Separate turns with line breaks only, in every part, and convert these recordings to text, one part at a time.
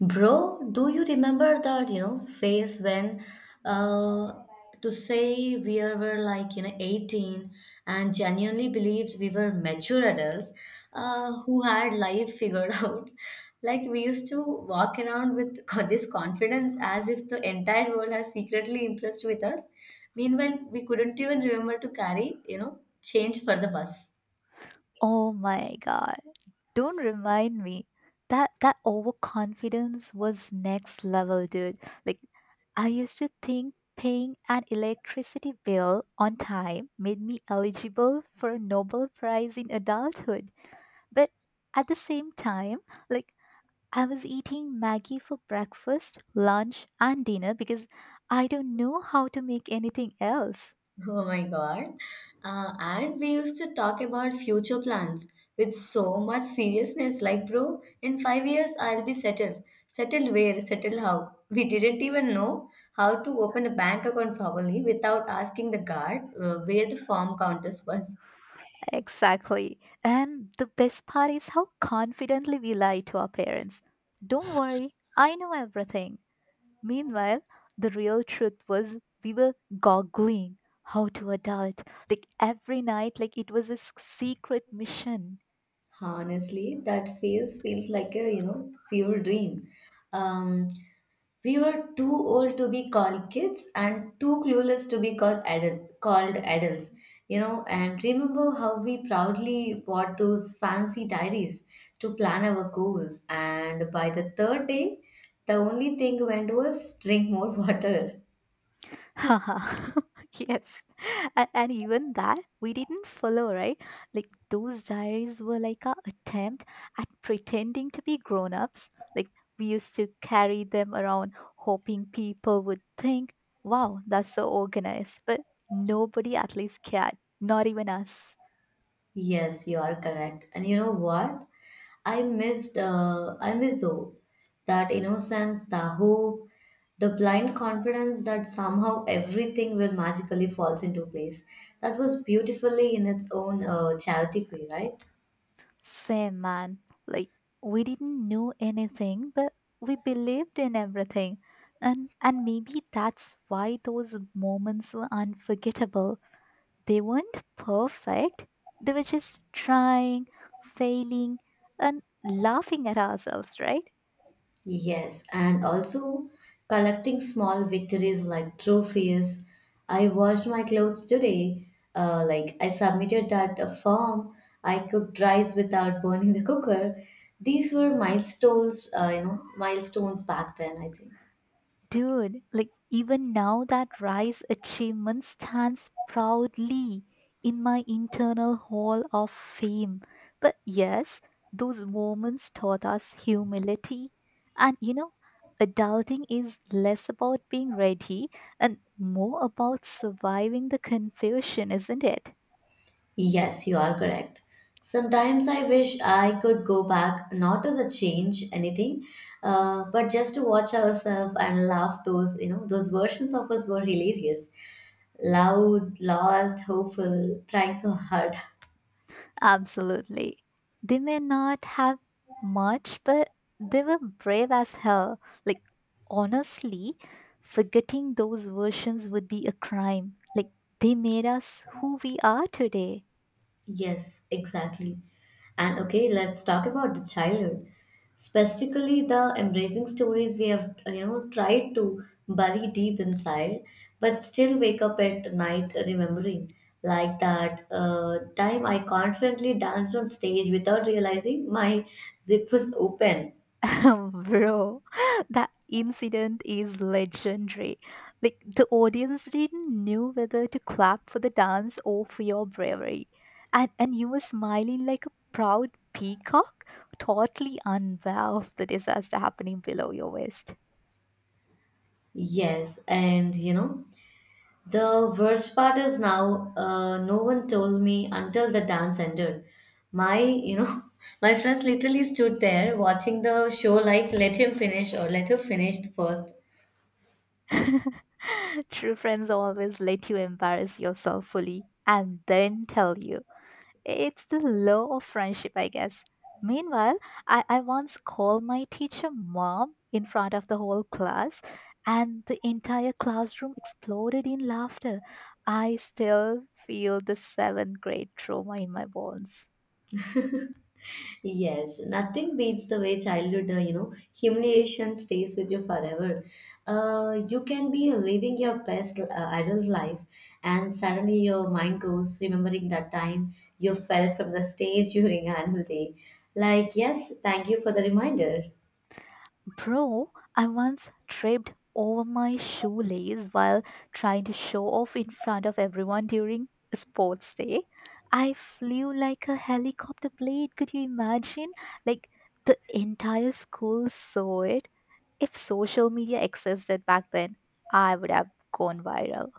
Bro, do you remember that, phase when uh to say we are- were like, 18 and genuinely believed we were mature adults who had life figured out. Like we used to walk around with this confidence as if the entire world has secretly impressed with us. Meanwhile, we couldn't even remember to carry, change for the bus.
Oh my god. Don't remind me. That overconfidence was next level, dude. Like I used to think paying an electricity bill on time made me eligible for a Nobel Prize in adulthood. But at the same time, like I was eating Maggie for breakfast, lunch, and dinner because I don't know how to make anything else.
Oh my God. And we used to talk about future plans with so much seriousness. Like, bro, in 5 years, I'll be settled. Settled where? Settled how? We didn't even know how to open a bank account properly without asking the guard where the form counters was.
Exactly. And the best part is how confidently we lie to our parents. Don't worry, I know everything. Meanwhile, the real truth was we were goggling how to adult. Like every night, like it was a secret mission.
Honestly, that phase feels like a fever dream. Um, We were too old to be called kids and too clueless to be called called adults, you know. And remember how we proudly bought those fancy diaries to plan our goals. And by the third day, the only thing went was drink more water.
Haha. Yes. And even that we didn't follow, right? Like those diaries were like our attempt at pretending to be grown ups. Like we used to carry them around hoping people would think, wow, that's so organized. But nobody at least cared. Not even us.
Yes, you are correct. And you know what? I miss though that innocence, the hope, the blind confidence that somehow everything will magically falls into place. That was beautifully in its own chaotic way, right?
Same, man. Like we didn't know anything, but we believed in everything. And maybe that's why those moments were unforgettable. They weren't perfect, they were just trying, failing, and laughing at ourselves, right?
Yes, and also collecting small victories like trophies. I washed my clothes today. Like I submitted that form. I cooked rice without burning the cooker. These were milestones back then, I think.
Dude, like even now that rise achievement stands proudly in my internal hall of fame. But yes, those moments taught us humility. And you know, adulting is less about being ready and more about surviving the confusion, isn't it?
Yes, you are correct. Sometimes I wish I could go back, not to the change anything, but just to watch ourselves and laugh. Those versions of us were hilarious, loud, lost, hopeful, trying so hard.
Absolutely. They may not have much, but they were brave as hell. Like, honestly, forgetting those versions would be a crime. Like, they made us who we are today.
Yes, exactly. And okay, let's talk about the childhood. Specifically, the embracing stories we have, tried to bury deep inside, but still wake up at night remembering. Like that time I confidently danced on stage without realizing my zip was open.
Bro, that incident is legendary. Like, the audience didn't know whether to clap for the dance or for your bravery. And you were smiling like a proud peacock, totally unaware of the disaster happening below your waist.
Yes, and you know, the worst part is now, no one told me until the dance ended. My my friends literally stood there watching the show like, let him finish or let her finish first.
True friends always let you embarrass yourself fully and then tell you. It's the law of friendship, I guess. Meanwhile, I once called my teacher mom in front of the whole class, and the entire classroom exploded in laughter. I still feel the seventh grade trauma in my bones.
Yes, nothing beats the way childhood humiliation stays with you forever. You can be living your best adult life, and suddenly your mind goes remembering that time you fell from the stage during annual day. Like, yes, thank you for the reminder.
Bro, I once tripped over my shoelace while trying to show off in front of everyone during a sports day. I flew like a helicopter blade. Could you imagine? Like the entire school saw it. If social media existed back then, I would have gone viral.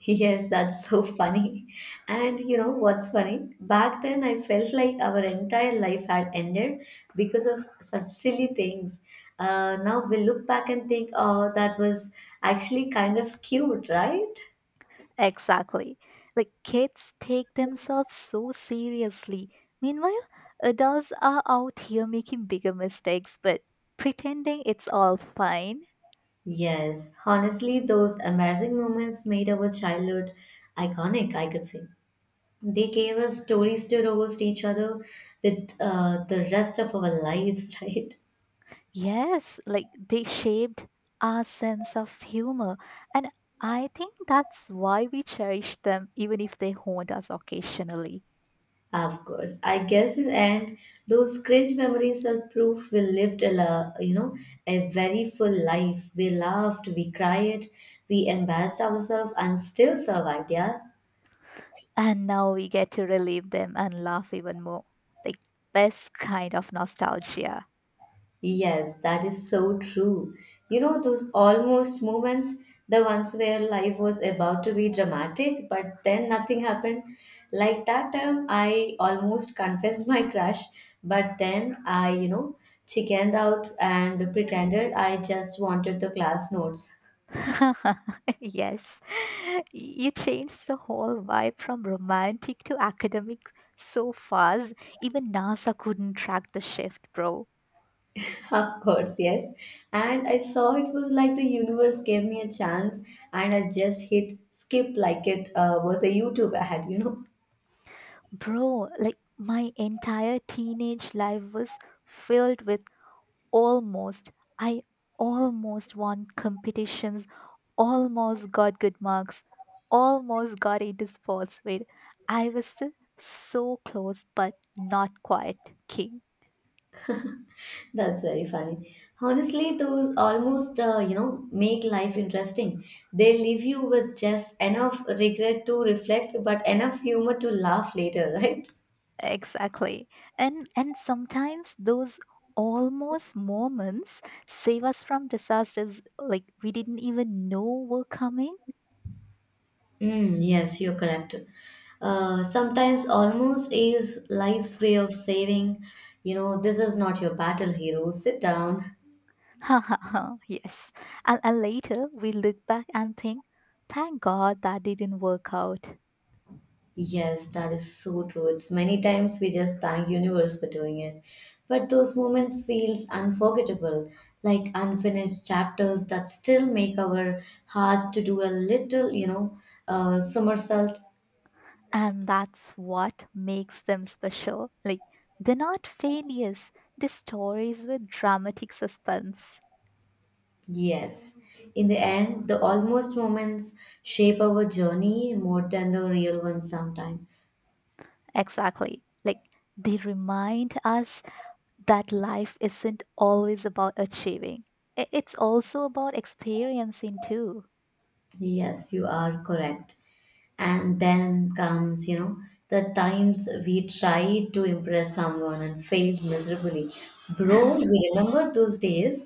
Yes, that's so funny. And you know what's funny? Back then, I felt like our entire life had ended because of such silly things. Now we look back and think, oh, that was actually kind of cute, right?
Exactly. Like kids take themselves so seriously. Meanwhile, adults are out here making bigger mistakes but pretending it's all fine.
Yes, honestly, those embarrassing moments made our childhood iconic, I could say. They gave us stories to roast each other with the rest of our lives, right?
Yes, like they shaped our sense of humor. And I think that's why we cherish them even if they haunt us occasionally.
Of course. I guess in the end, those cringe memories are proof we lived a, la- you know, a very full life. We laughed, we cried, we embarrassed ourselves and still survived, yeah.
And now we get to relive them and laugh even more. Like best kind of nostalgia.
Yes, that is so true. You know, those almost moments, the ones where life was about to be dramatic, but then nothing happened. Like that time, I almost confessed my crush, but then I chickened out and pretended I just wanted the class notes.
Yes, you changed the whole vibe from romantic to academic so fast. Even NASA couldn't track the shift, bro.
Of course, yes. And I saw it was like the universe gave me a chance, and I just hit skip like it was a YouTube ad, you know.
Bro, like my entire teenage life was filled with almost. I almost won competitions, almost got good marks, almost got into sports. Wait, I was still so close, but not quite. King.
That's very funny. Honestly, those almost make life interesting. They leave you with just enough regret to reflect, but enough humor to laugh later, right?
Exactly. And sometimes those almost moments save us from disasters like we didn't even know were coming.
Mm, yes, you're correct. Sometimes almost is life's way of saying, you know, this is not your battle, hero. Sit down.
Ha ha ha. Yes. And later we look back and think, thank God that didn't work out.
Yes, that is so true. It's many times we just thank universe for doing it. But those moments feels unforgettable, like unfinished chapters that still make our hearts to do a little, somersault.
And that's what makes them special. Like they're not failures. They're stories with dramatic suspense.
Yes. In the end, the almost moments shape our journey more than the real ones sometimes.
Exactly. Like they remind us that life isn't always about achieving. It's also about experiencing too.
Yes, you are correct. And then comes, you know, the times we tried to impress someone and failed miserably, bro. We remember those days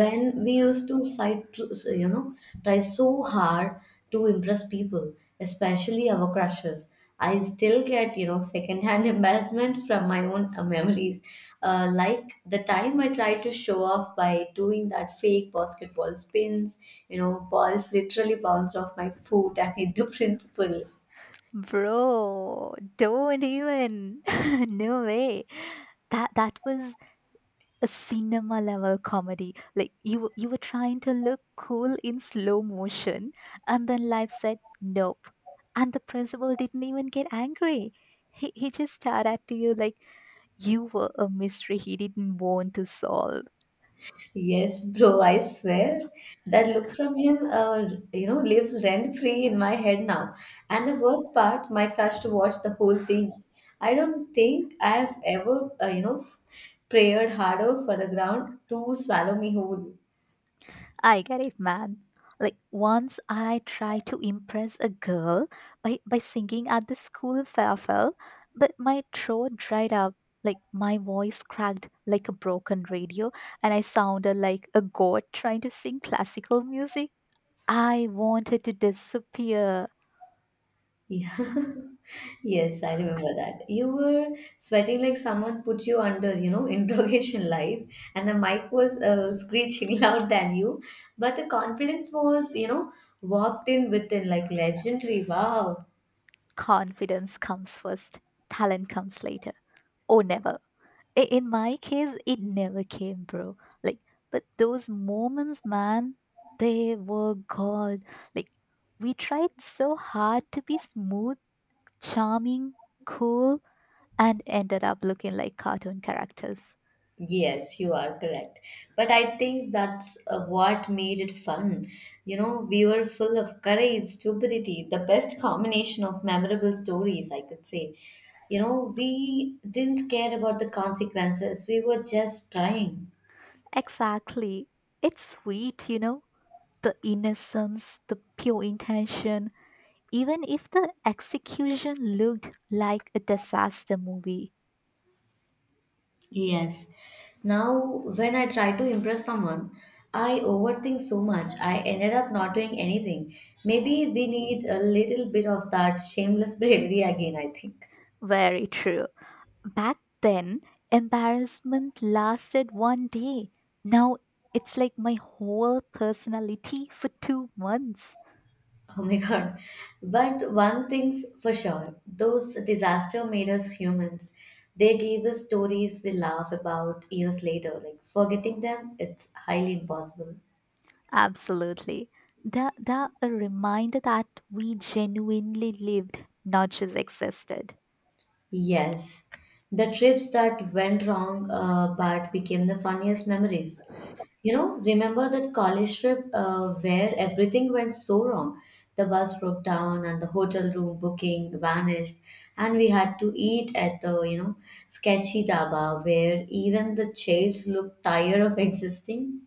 when we used to side, you know, try so hard to impress people, especially our crushes. I still get, you know, secondhand embarrassment from my own memories. Like the time I tried to show off by doing that fake basketball spins, you know, balls literally bounced off my foot and hit the principal.
Bro, don't even. No way. That was a cinema level comedy. Like you were trying to look cool in slow motion and then life said nope. And the principal didn't even get angry. He just stared at you like you were a mystery he didn't want to solve.
Yes, bro, I swear that look from him, lives rent free in my head now. And the worst part, my crush to watch the whole thing. I don't think I have ever, prayed harder for the ground to swallow me whole.
I get it, man. Like once I tried to impress a girl by singing at the school farewell, but my throat dried up, like my voice cracked like a broken radio, and I sounded like a god trying to sing classical music. I wanted to disappear.
Yeah. Yes, I remember that. You were sweating like someone put you under, interrogation lights, and the mic was screeching loud than you. But the confidence was, you know, walked in within like legendary. Wow.
Confidence comes first, talent comes later, or never. I- in my case it never came, bro, like, but those moments, man, they were gold. Like we tried so hard to be smooth, charming, cool, and ended up looking like cartoon characters.
Yes, you are correct. But I think that's what made it fun. You know, we were full of courage, stupidity, the best combination of memorable stories, I could say. You know, we didn't care about the consequences, we were just trying.
Exactly, it's sweet, you know, the innocence, the pure intention, even if the execution looked like a disaster movie.
Yes. Now, when I try to impress someone, I overthink so much. I ended up not doing anything. Maybe we need a little bit of that shameless bravery again, I think.
Very true. Back then, embarrassment lasted 1 day. Now it's like my whole personality for 2 months.
Oh my God. But one thing's for sure, those disaster made us humans. They gave us stories we laugh about years later. Like forgetting them, it's highly impossible.
Absolutely. They're a reminder that we genuinely lived, not just existed.
Yes, the trips that went wrong but became the funniest memories. You know, remember that college trip where everything went so wrong? The bus broke down and the hotel room booking vanished, and we had to eat at the sketchy dhaba where even the chairs looked tired of existing.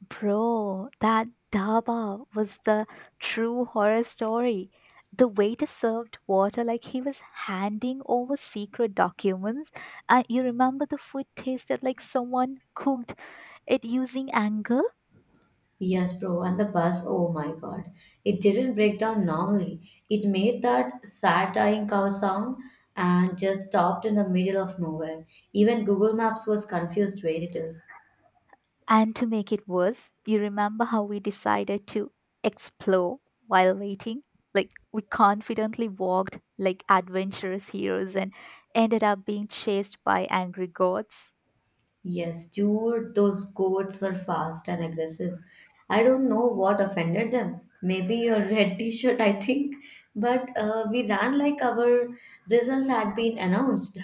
Bro, that Daba was the true horror story. The waiter served water like he was handing over secret documents. And you remember the food tasted like someone cooked it using anger.
Yes, bro, and the bus, oh my god. It didn't break down normally. It made that sad dying cow sound and just stopped in the middle of nowhere. Even Google Maps was confused where it is.
And to make it worse, you remember how we decided to explore while waiting. Like we confidently walked like adventurous heroes and ended up being chased by angry gods.
Yes, dude, those goats were fast and aggressive. I don't know what offended them. Maybe your red t shirt, I think. But we ran like our results had been announced.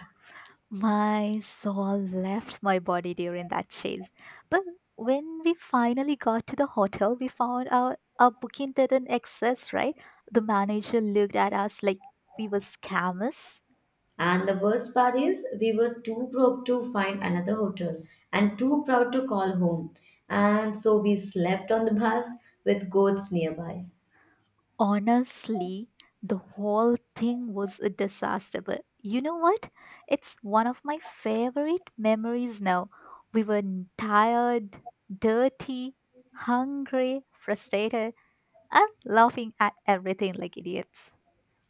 My soul left my body during that chase, but when we finally got to the hotel we found out our booking didn't exist, right? The manager looked at us like we were scammers.
And the worst part is, we were too broke to find another hotel and too proud to call home. And so we slept on the bus with goats nearby.
Honestly, the whole thing was a disaster. But you know what? It's one of my favorite memories now. We were tired, dirty, hungry, frustrated, and laughing at everything like idiots.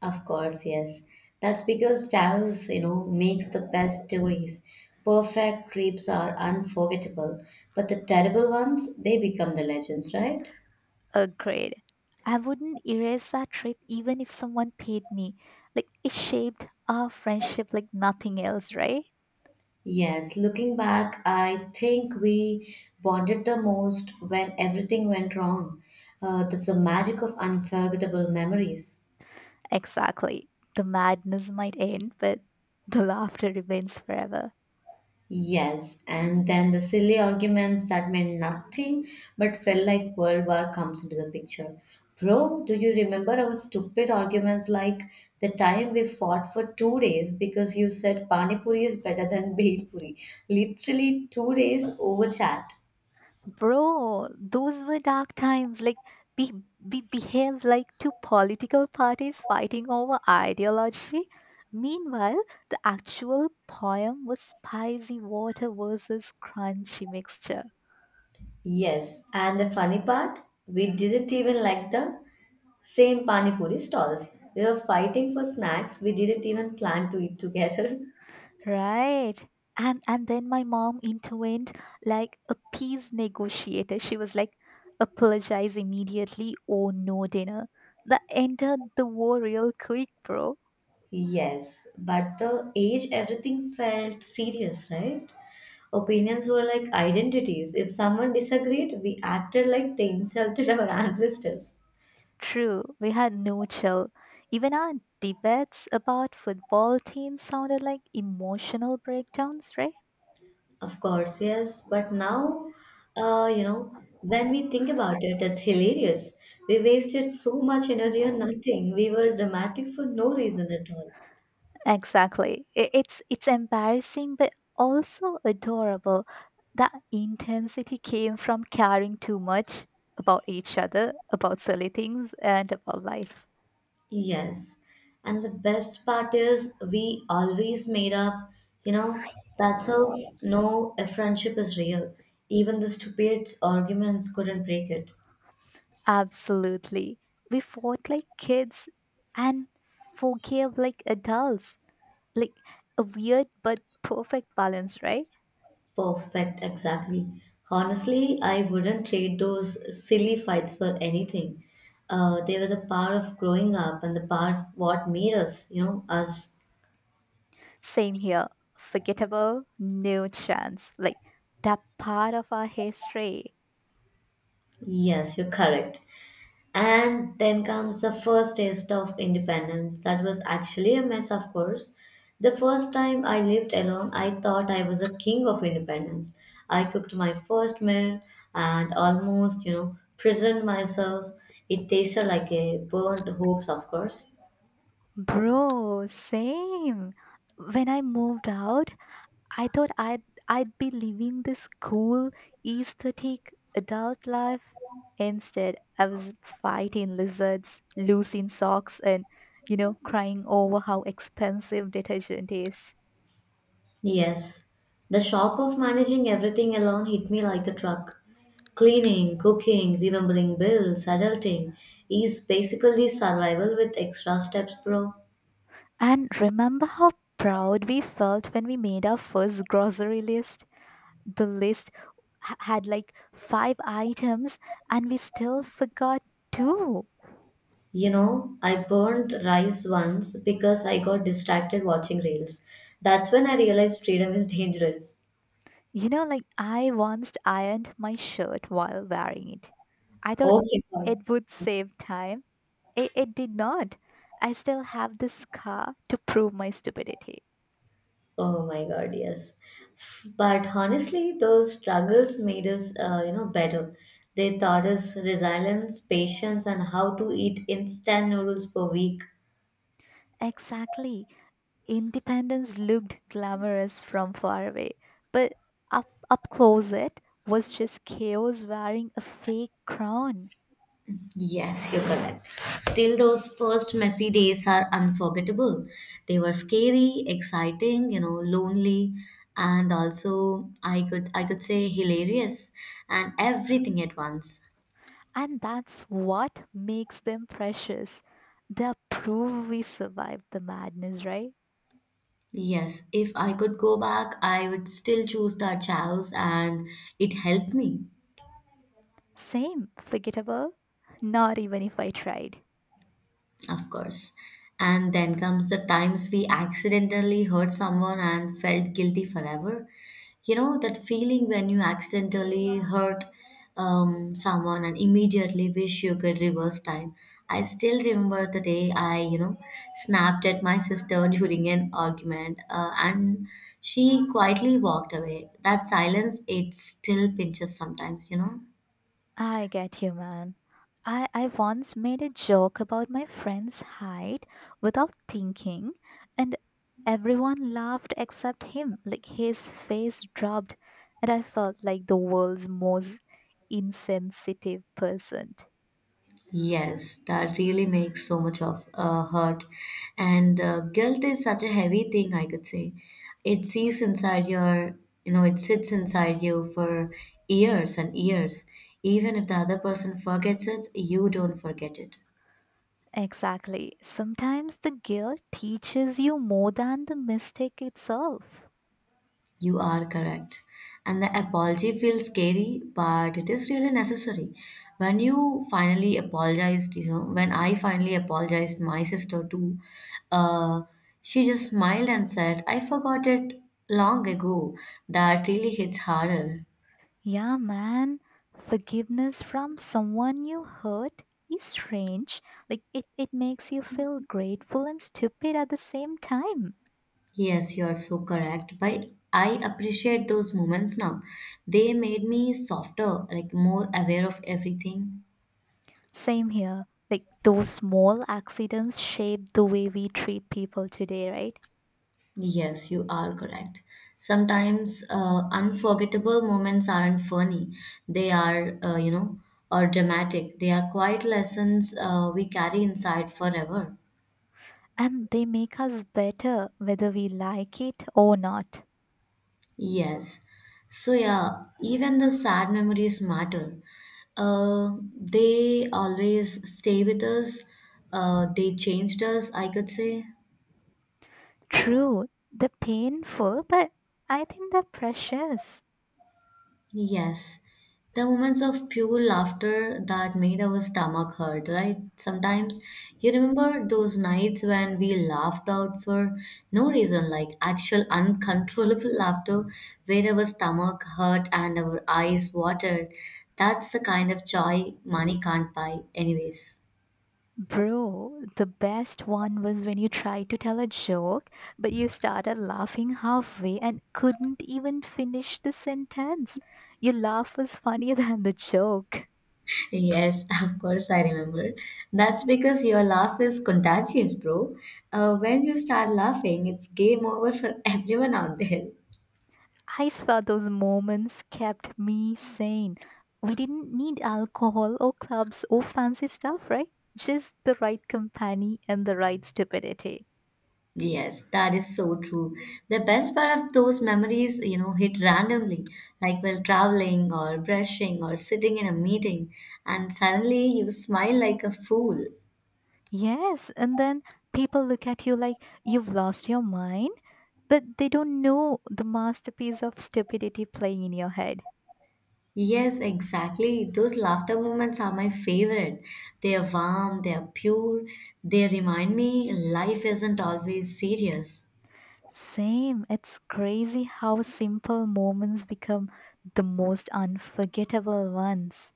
Of course, yes. That's because Taos, you know, makes the best stories. Perfect trips are unforgettable, but the terrible ones, they become the legends, right?
Agreed. I wouldn't erase that trip even if someone paid me. Like, it shaped our friendship like nothing else, right?
Yes, looking back, I think we bonded the most when everything went wrong. That's the magic of unforgettable memories.
Exactly. The madness might end, but the laughter remains forever.
Yes, and then the silly arguments that meant nothing but felt like World War comes into the picture. Bro, do you remember our stupid arguments like the time we fought for 2 days because you said Pani Puri is better than Bhel Puri? Literally 2 days over chat.
Bro, those were dark times. Like we we behave like two political parties fighting over ideology. Meanwhile, the actual poem was spicy water versus crunchy mixture.
Yes, and the funny part, we didn't even like the same pani puri stalls. We were fighting for snacks. We didn't even plan to eat together.
Right. And then my mom intervened like a peace negotiator. She was like, apologize immediately or no dinner. The enter the war real quick, bro.
Yes, but the age, everything felt serious, right? Opinions were like identities. If someone disagreed, we acted like they insulted our ancestors.
True, we had no chill. Even our debates about football teams sounded like emotional breakdowns, right?
Of course, yes. But now, uh, you know, when we think about it, it's hilarious. We wasted so much energy on nothing. We were dramatic for no reason at all.
Exactly. It's it's embarrassing but also adorable. That intensity came from caring too much about each other, about silly things and about life.
Yes. And the best part is we always made up, you know, that's how no a friendship is real. Even the stupid arguments couldn't break it.
Absolutely. We fought like kids and forgave like adults. Like a weird but perfect balance, right?
Perfect, exactly. Honestly, I wouldn't trade those silly fights for anything. They were the power of growing up and the part of what made us, you know, us.
Same here. Forgettable, no chance. Like that part of our history.
Yes, you're correct. And then comes the first taste of independence. That was actually a mess, of course. The first time I lived alone, I thought I was a king of independence. I cooked my first meal and almost, you know, prisoned myself. It tasted like a burnt hoax, of course.
Bro, same. When I moved out, I thought I'd be living this cool, aesthetic adult life. Instead, I was fighting lizards, losing socks, and you know, crying over how expensive detergent is.
Yes. The shock of managing everything alone hit me like a truck. Cleaning, cooking, remembering bills, adulting is basically survival with extra steps, bro.
And remember how proud we felt when we made our first grocery list? The list had like five items and we still forgot two.
You know, I burned rice once because I got distracted watching reels. That's when I realized freedom is dangerous.
You know, like I once ironed my shirt while wearing it. I thought
Oh my God.
it would save time. It did not. I still have this scar to prove my stupidity.
Oh my God, yes. But honestly, those struggles made us better. They taught us resilience, patience, and how to eat instant noodles for week.
Exactly. Independence looked glamorous from far away, but up close it was just chaos wearing a fake crown.
Yes, you're correct. Still, those first messy days are unforgettable. They were scary, exciting, lonely, and also I could say hilarious and everything at once.
And that's what makes them precious. They're proof we survived the madness, right?
Yes, if I could go back, I would still choose that house and it helped me.
Same, forgettable? Not even if I tried.
Of course. And then comes the times we accidentally hurt someone and felt guilty forever. You know, that feeling when you accidentally hurt someone and immediately wish you could reverse time. I still remember the day I snapped at my sister during an argument, and she quietly walked away. That silence, it still pinches sometimes, you know.
I get you, man. I once made a joke about my friend's height without thinking, and everyone laughed except him. Like his face dropped, and I felt like the world's most insensitive person.
Yes, that really makes so much of hurt. And guilt is such a heavy thing, I could say. It sees inside your, it sits inside you for years and years. Even if the other person forgets it, you don't forget it.
Exactly. Sometimes the guilt teaches you more than the mistake itself.
You are correct. And the apology feels scary, but it is really necessary. When you finally apologized, you know, when I finally apologized, my sister too, uh, she just smiled and said, I forgot it long ago. That really hits harder.
Yeah, man. Forgiveness from someone you hurt is strange. Like it makes you feel grateful and stupid at the same time.
Yes, you are so correct. But I appreciate those moments now. They made me softer, like more aware of everything.
Same here. Like those small accidents shape the way we treat people today, right?
Yes, you are correct. Sometimes unforgettable moments aren't funny. They are, or dramatic. They are quiet lessons we carry inside forever.
And they make us better whether we like it or not.
Yes. So, yeah, even the sad memories matter. They always stay with us. They changed us, I could say.
True, they're painful, but I think they're precious.
Yes, the moments of pure laughter that made our stomach hurt, right? Sometimes you remember those nights when we laughed out for no reason, like actual uncontrollable laughter, where our stomach hurt and our eyes watered. That's the kind of joy money can't buy, anyways.
Bro, the best one was when you tried to tell a joke, but you started laughing halfway and couldn't even finish the sentence. Your laugh was funnier than the joke.
Yes, of course I remember. That's because your laugh is contagious, bro. When you start laughing, it's game over for everyone out there.
I swear those moments kept me sane. We didn't need alcohol or clubs or fancy stuff, right? Just the right company and the right stupidity.
Yes, that is so true. The best part of those memories, you know, hit randomly, like while traveling or brushing or sitting in a meeting, and suddenly you smile like a fool.
Yes, and then people look at you like you've lost your mind. But they don't know the masterpiece of stupidity playing in your head.
Yes, exactly. Those laughter moments are my favorite. They are warm, they are pure, they remind me life isn't always serious.
Same, it's crazy how simple moments become the most unforgettable ones.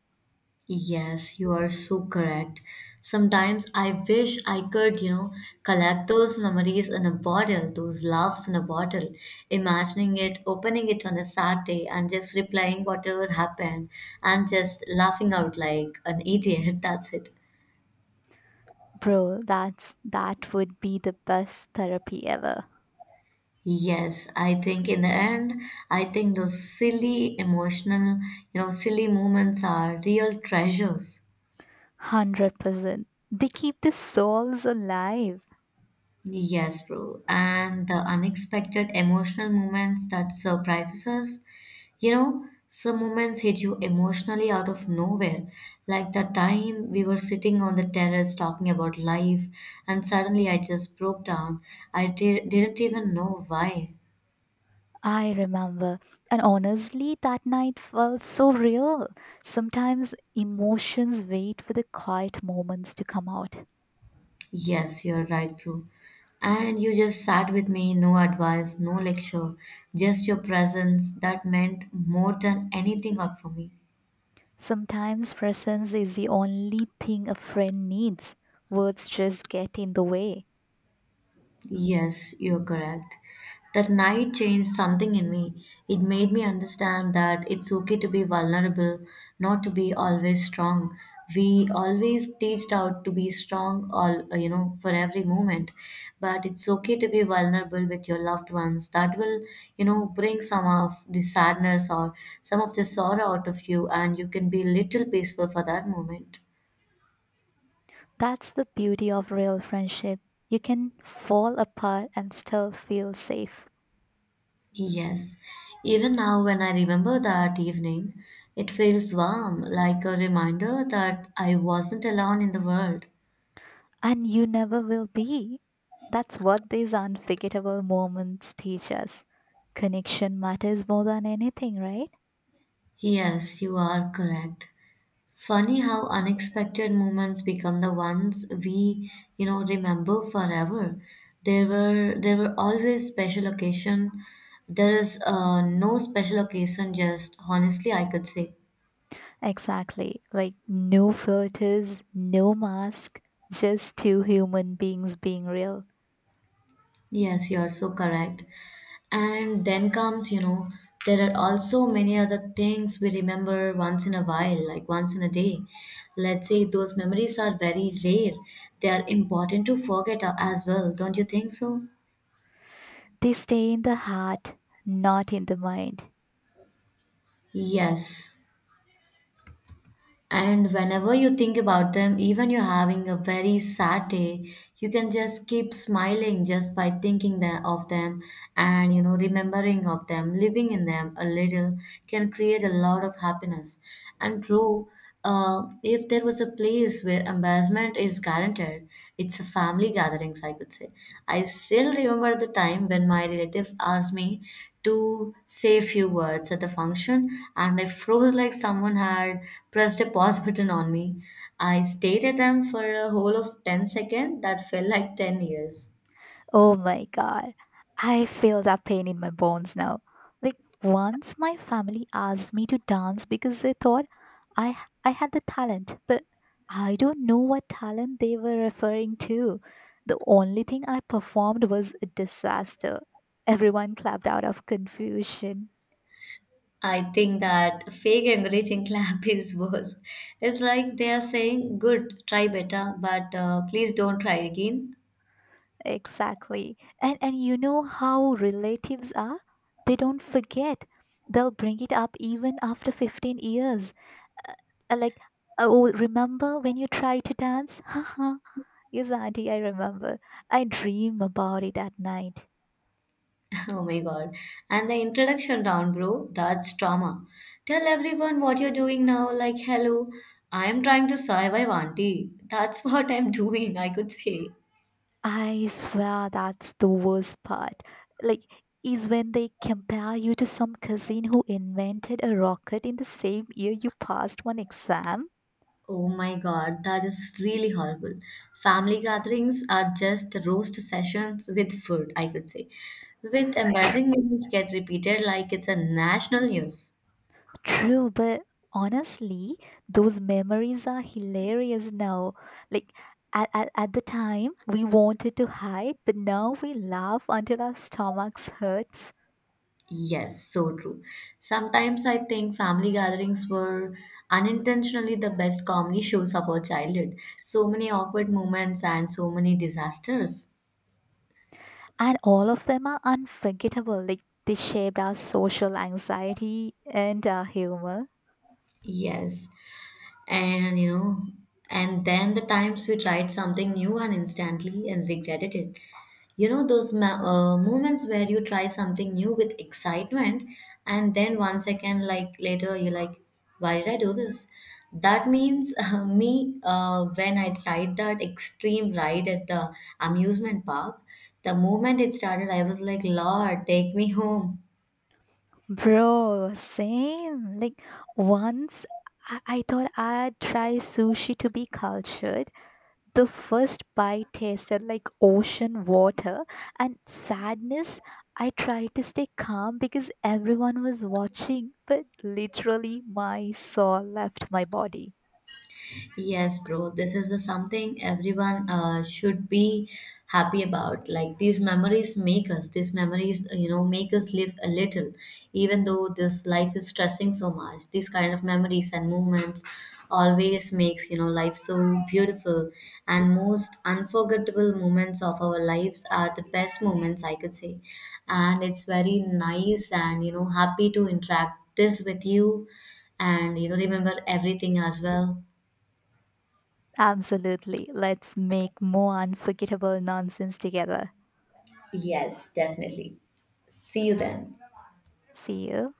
Yes, you are so correct. Sometimes I wish I could collect those memories in a bottle, those laughs in a bottle, imagining it, opening it on a Saturday and just replying whatever happened and just laughing out like an idiot. That's it.
Bro, that would be the best therapy ever.
Yes, I think in the end, I think those silly emotional, silly moments are real treasures.
100%. They keep the souls alive.
Yes, bro. And the unexpected emotional moments that surprises us. You know, some moments hit you emotionally out of nowhere. Like that time we were sitting on the terrace talking about life, and suddenly I just broke down. Didn't even know why.
I remember, and honestly, that night felt so real. Sometimes emotions wait for the quiet moments to come out.
Yes, you're right, bro. And you just sat with me, no advice, no lecture, just your presence that meant more than anything out for me.
Sometimes presence is the only thing a friend needs. Words just get in the way.
Yes, you're correct. That night changed something in me. It made me understand that it's okay to be vulnerable, not to be always strong. We always teached out to be strong all for every moment, but it's okay to be vulnerable with your loved ones. That will, you know, bring some of the sadness or some of the sorrow out of you, and you can be little peaceful for that moment.
That's the beauty of real friendship. You can fall apart and still feel safe.
Yes, even now when I remember that evening, it feels warm, like a reminder that I wasn't alone in the world.
And you never will be. That's what these unforgettable moments teach us. Connection matters more than anything, right?
Yes, you are correct. Funny how unexpected moments become the ones we remember forever. There were always special occasion. There is no special occasion, just honestly, I could say.
Exactly. Like no filters, no mask, just two human beings being real.
Yes, you are so correct. And then comes, there are also many other things we remember once in a while, like once in a day. Let's say those memories are very rare. They are important to forget as well, don't you think so?
They stay in the heart, not in the mind.
Yes. And whenever you think about them, even you're having a very sad day, you can just keep smiling just by thinking that of them and, you know, remembering of them, living in them a little can create a lot of happiness. And true, if there was a place where embarrassment is guaranteed, it's a family gatherings, I could say. I still remember the time when my relatives asked me to say a few words at the function, and I froze like someone had pressed a pause button on me. I stared at them for a whole of 10 seconds that felt like 10 years.
Oh my god. I feel that pain in my bones now. Like once my family asked me to dance because they thought I I had the talent, but I don't know what talent they were referring to. The only thing I performed was a disaster. Everyone clapped out of confusion.
I think that fake encouraging clap is worse. It's like they are saying, good, try better, but please don't try again.
Exactly. And you know how relatives are? They don't forget. They'll bring it up even after 15 years. Uh, like, oh, remember when you tried to dance? Haha. Yes, auntie, I remember. I dream about it at night.
Oh my god. And the introduction round, bro, that's trauma. Tell everyone what you're doing now, like, hello, I'm trying to survive, auntie. That's what I'm doing, I could say.
I swear that's the worst part. Like, is when they compare you to some cousin who invented a rocket in the same year you passed one exam.
Oh my god, that is really horrible. Family gatherings are just roast sessions with food, I could say. With embarrassing moments get repeated like it's a national news.
True, but honestly, those memories are hilarious now. Like at the time, we wanted to hide, but now we laugh until our stomachs hurts.
Yes, so true. Sometimes I think family gatherings were unintentionally the best comedy shows of our childhood. So many awkward moments and so many disasters.
And all of them are unforgettable. Like they shaped our social anxiety and our humor.
Yes, and you know, and then the times we tried something new and instantly and regretted it. You know those moments where you try something new with excitement and then 1 second like later you're like, why did I do this? That means me when I tried that extreme ride at the amusement park, the moment it started I was like, lord take me home.
Bro, same. Like once I thought I'd try sushi to be cultured. The first bite tasted like ocean water and sadness. I tried to stay calm because everyone was watching, but literally my soul left my body.
Yes, bro. This is a something everyone should be happy about. Like these memories make us. These memories, you know, make us live a little, even though this life is stressing so much. These kind of memories and movements always makes, you know, life so beautiful. And most unforgettable moments of our lives are the best moments, I could say. And it's very nice and, you know, happy to interact this with you, and you know remember everything as well.
Absolutely. Let's make more unforgettable nonsense together.
Yes, definitely. See you then.
See you.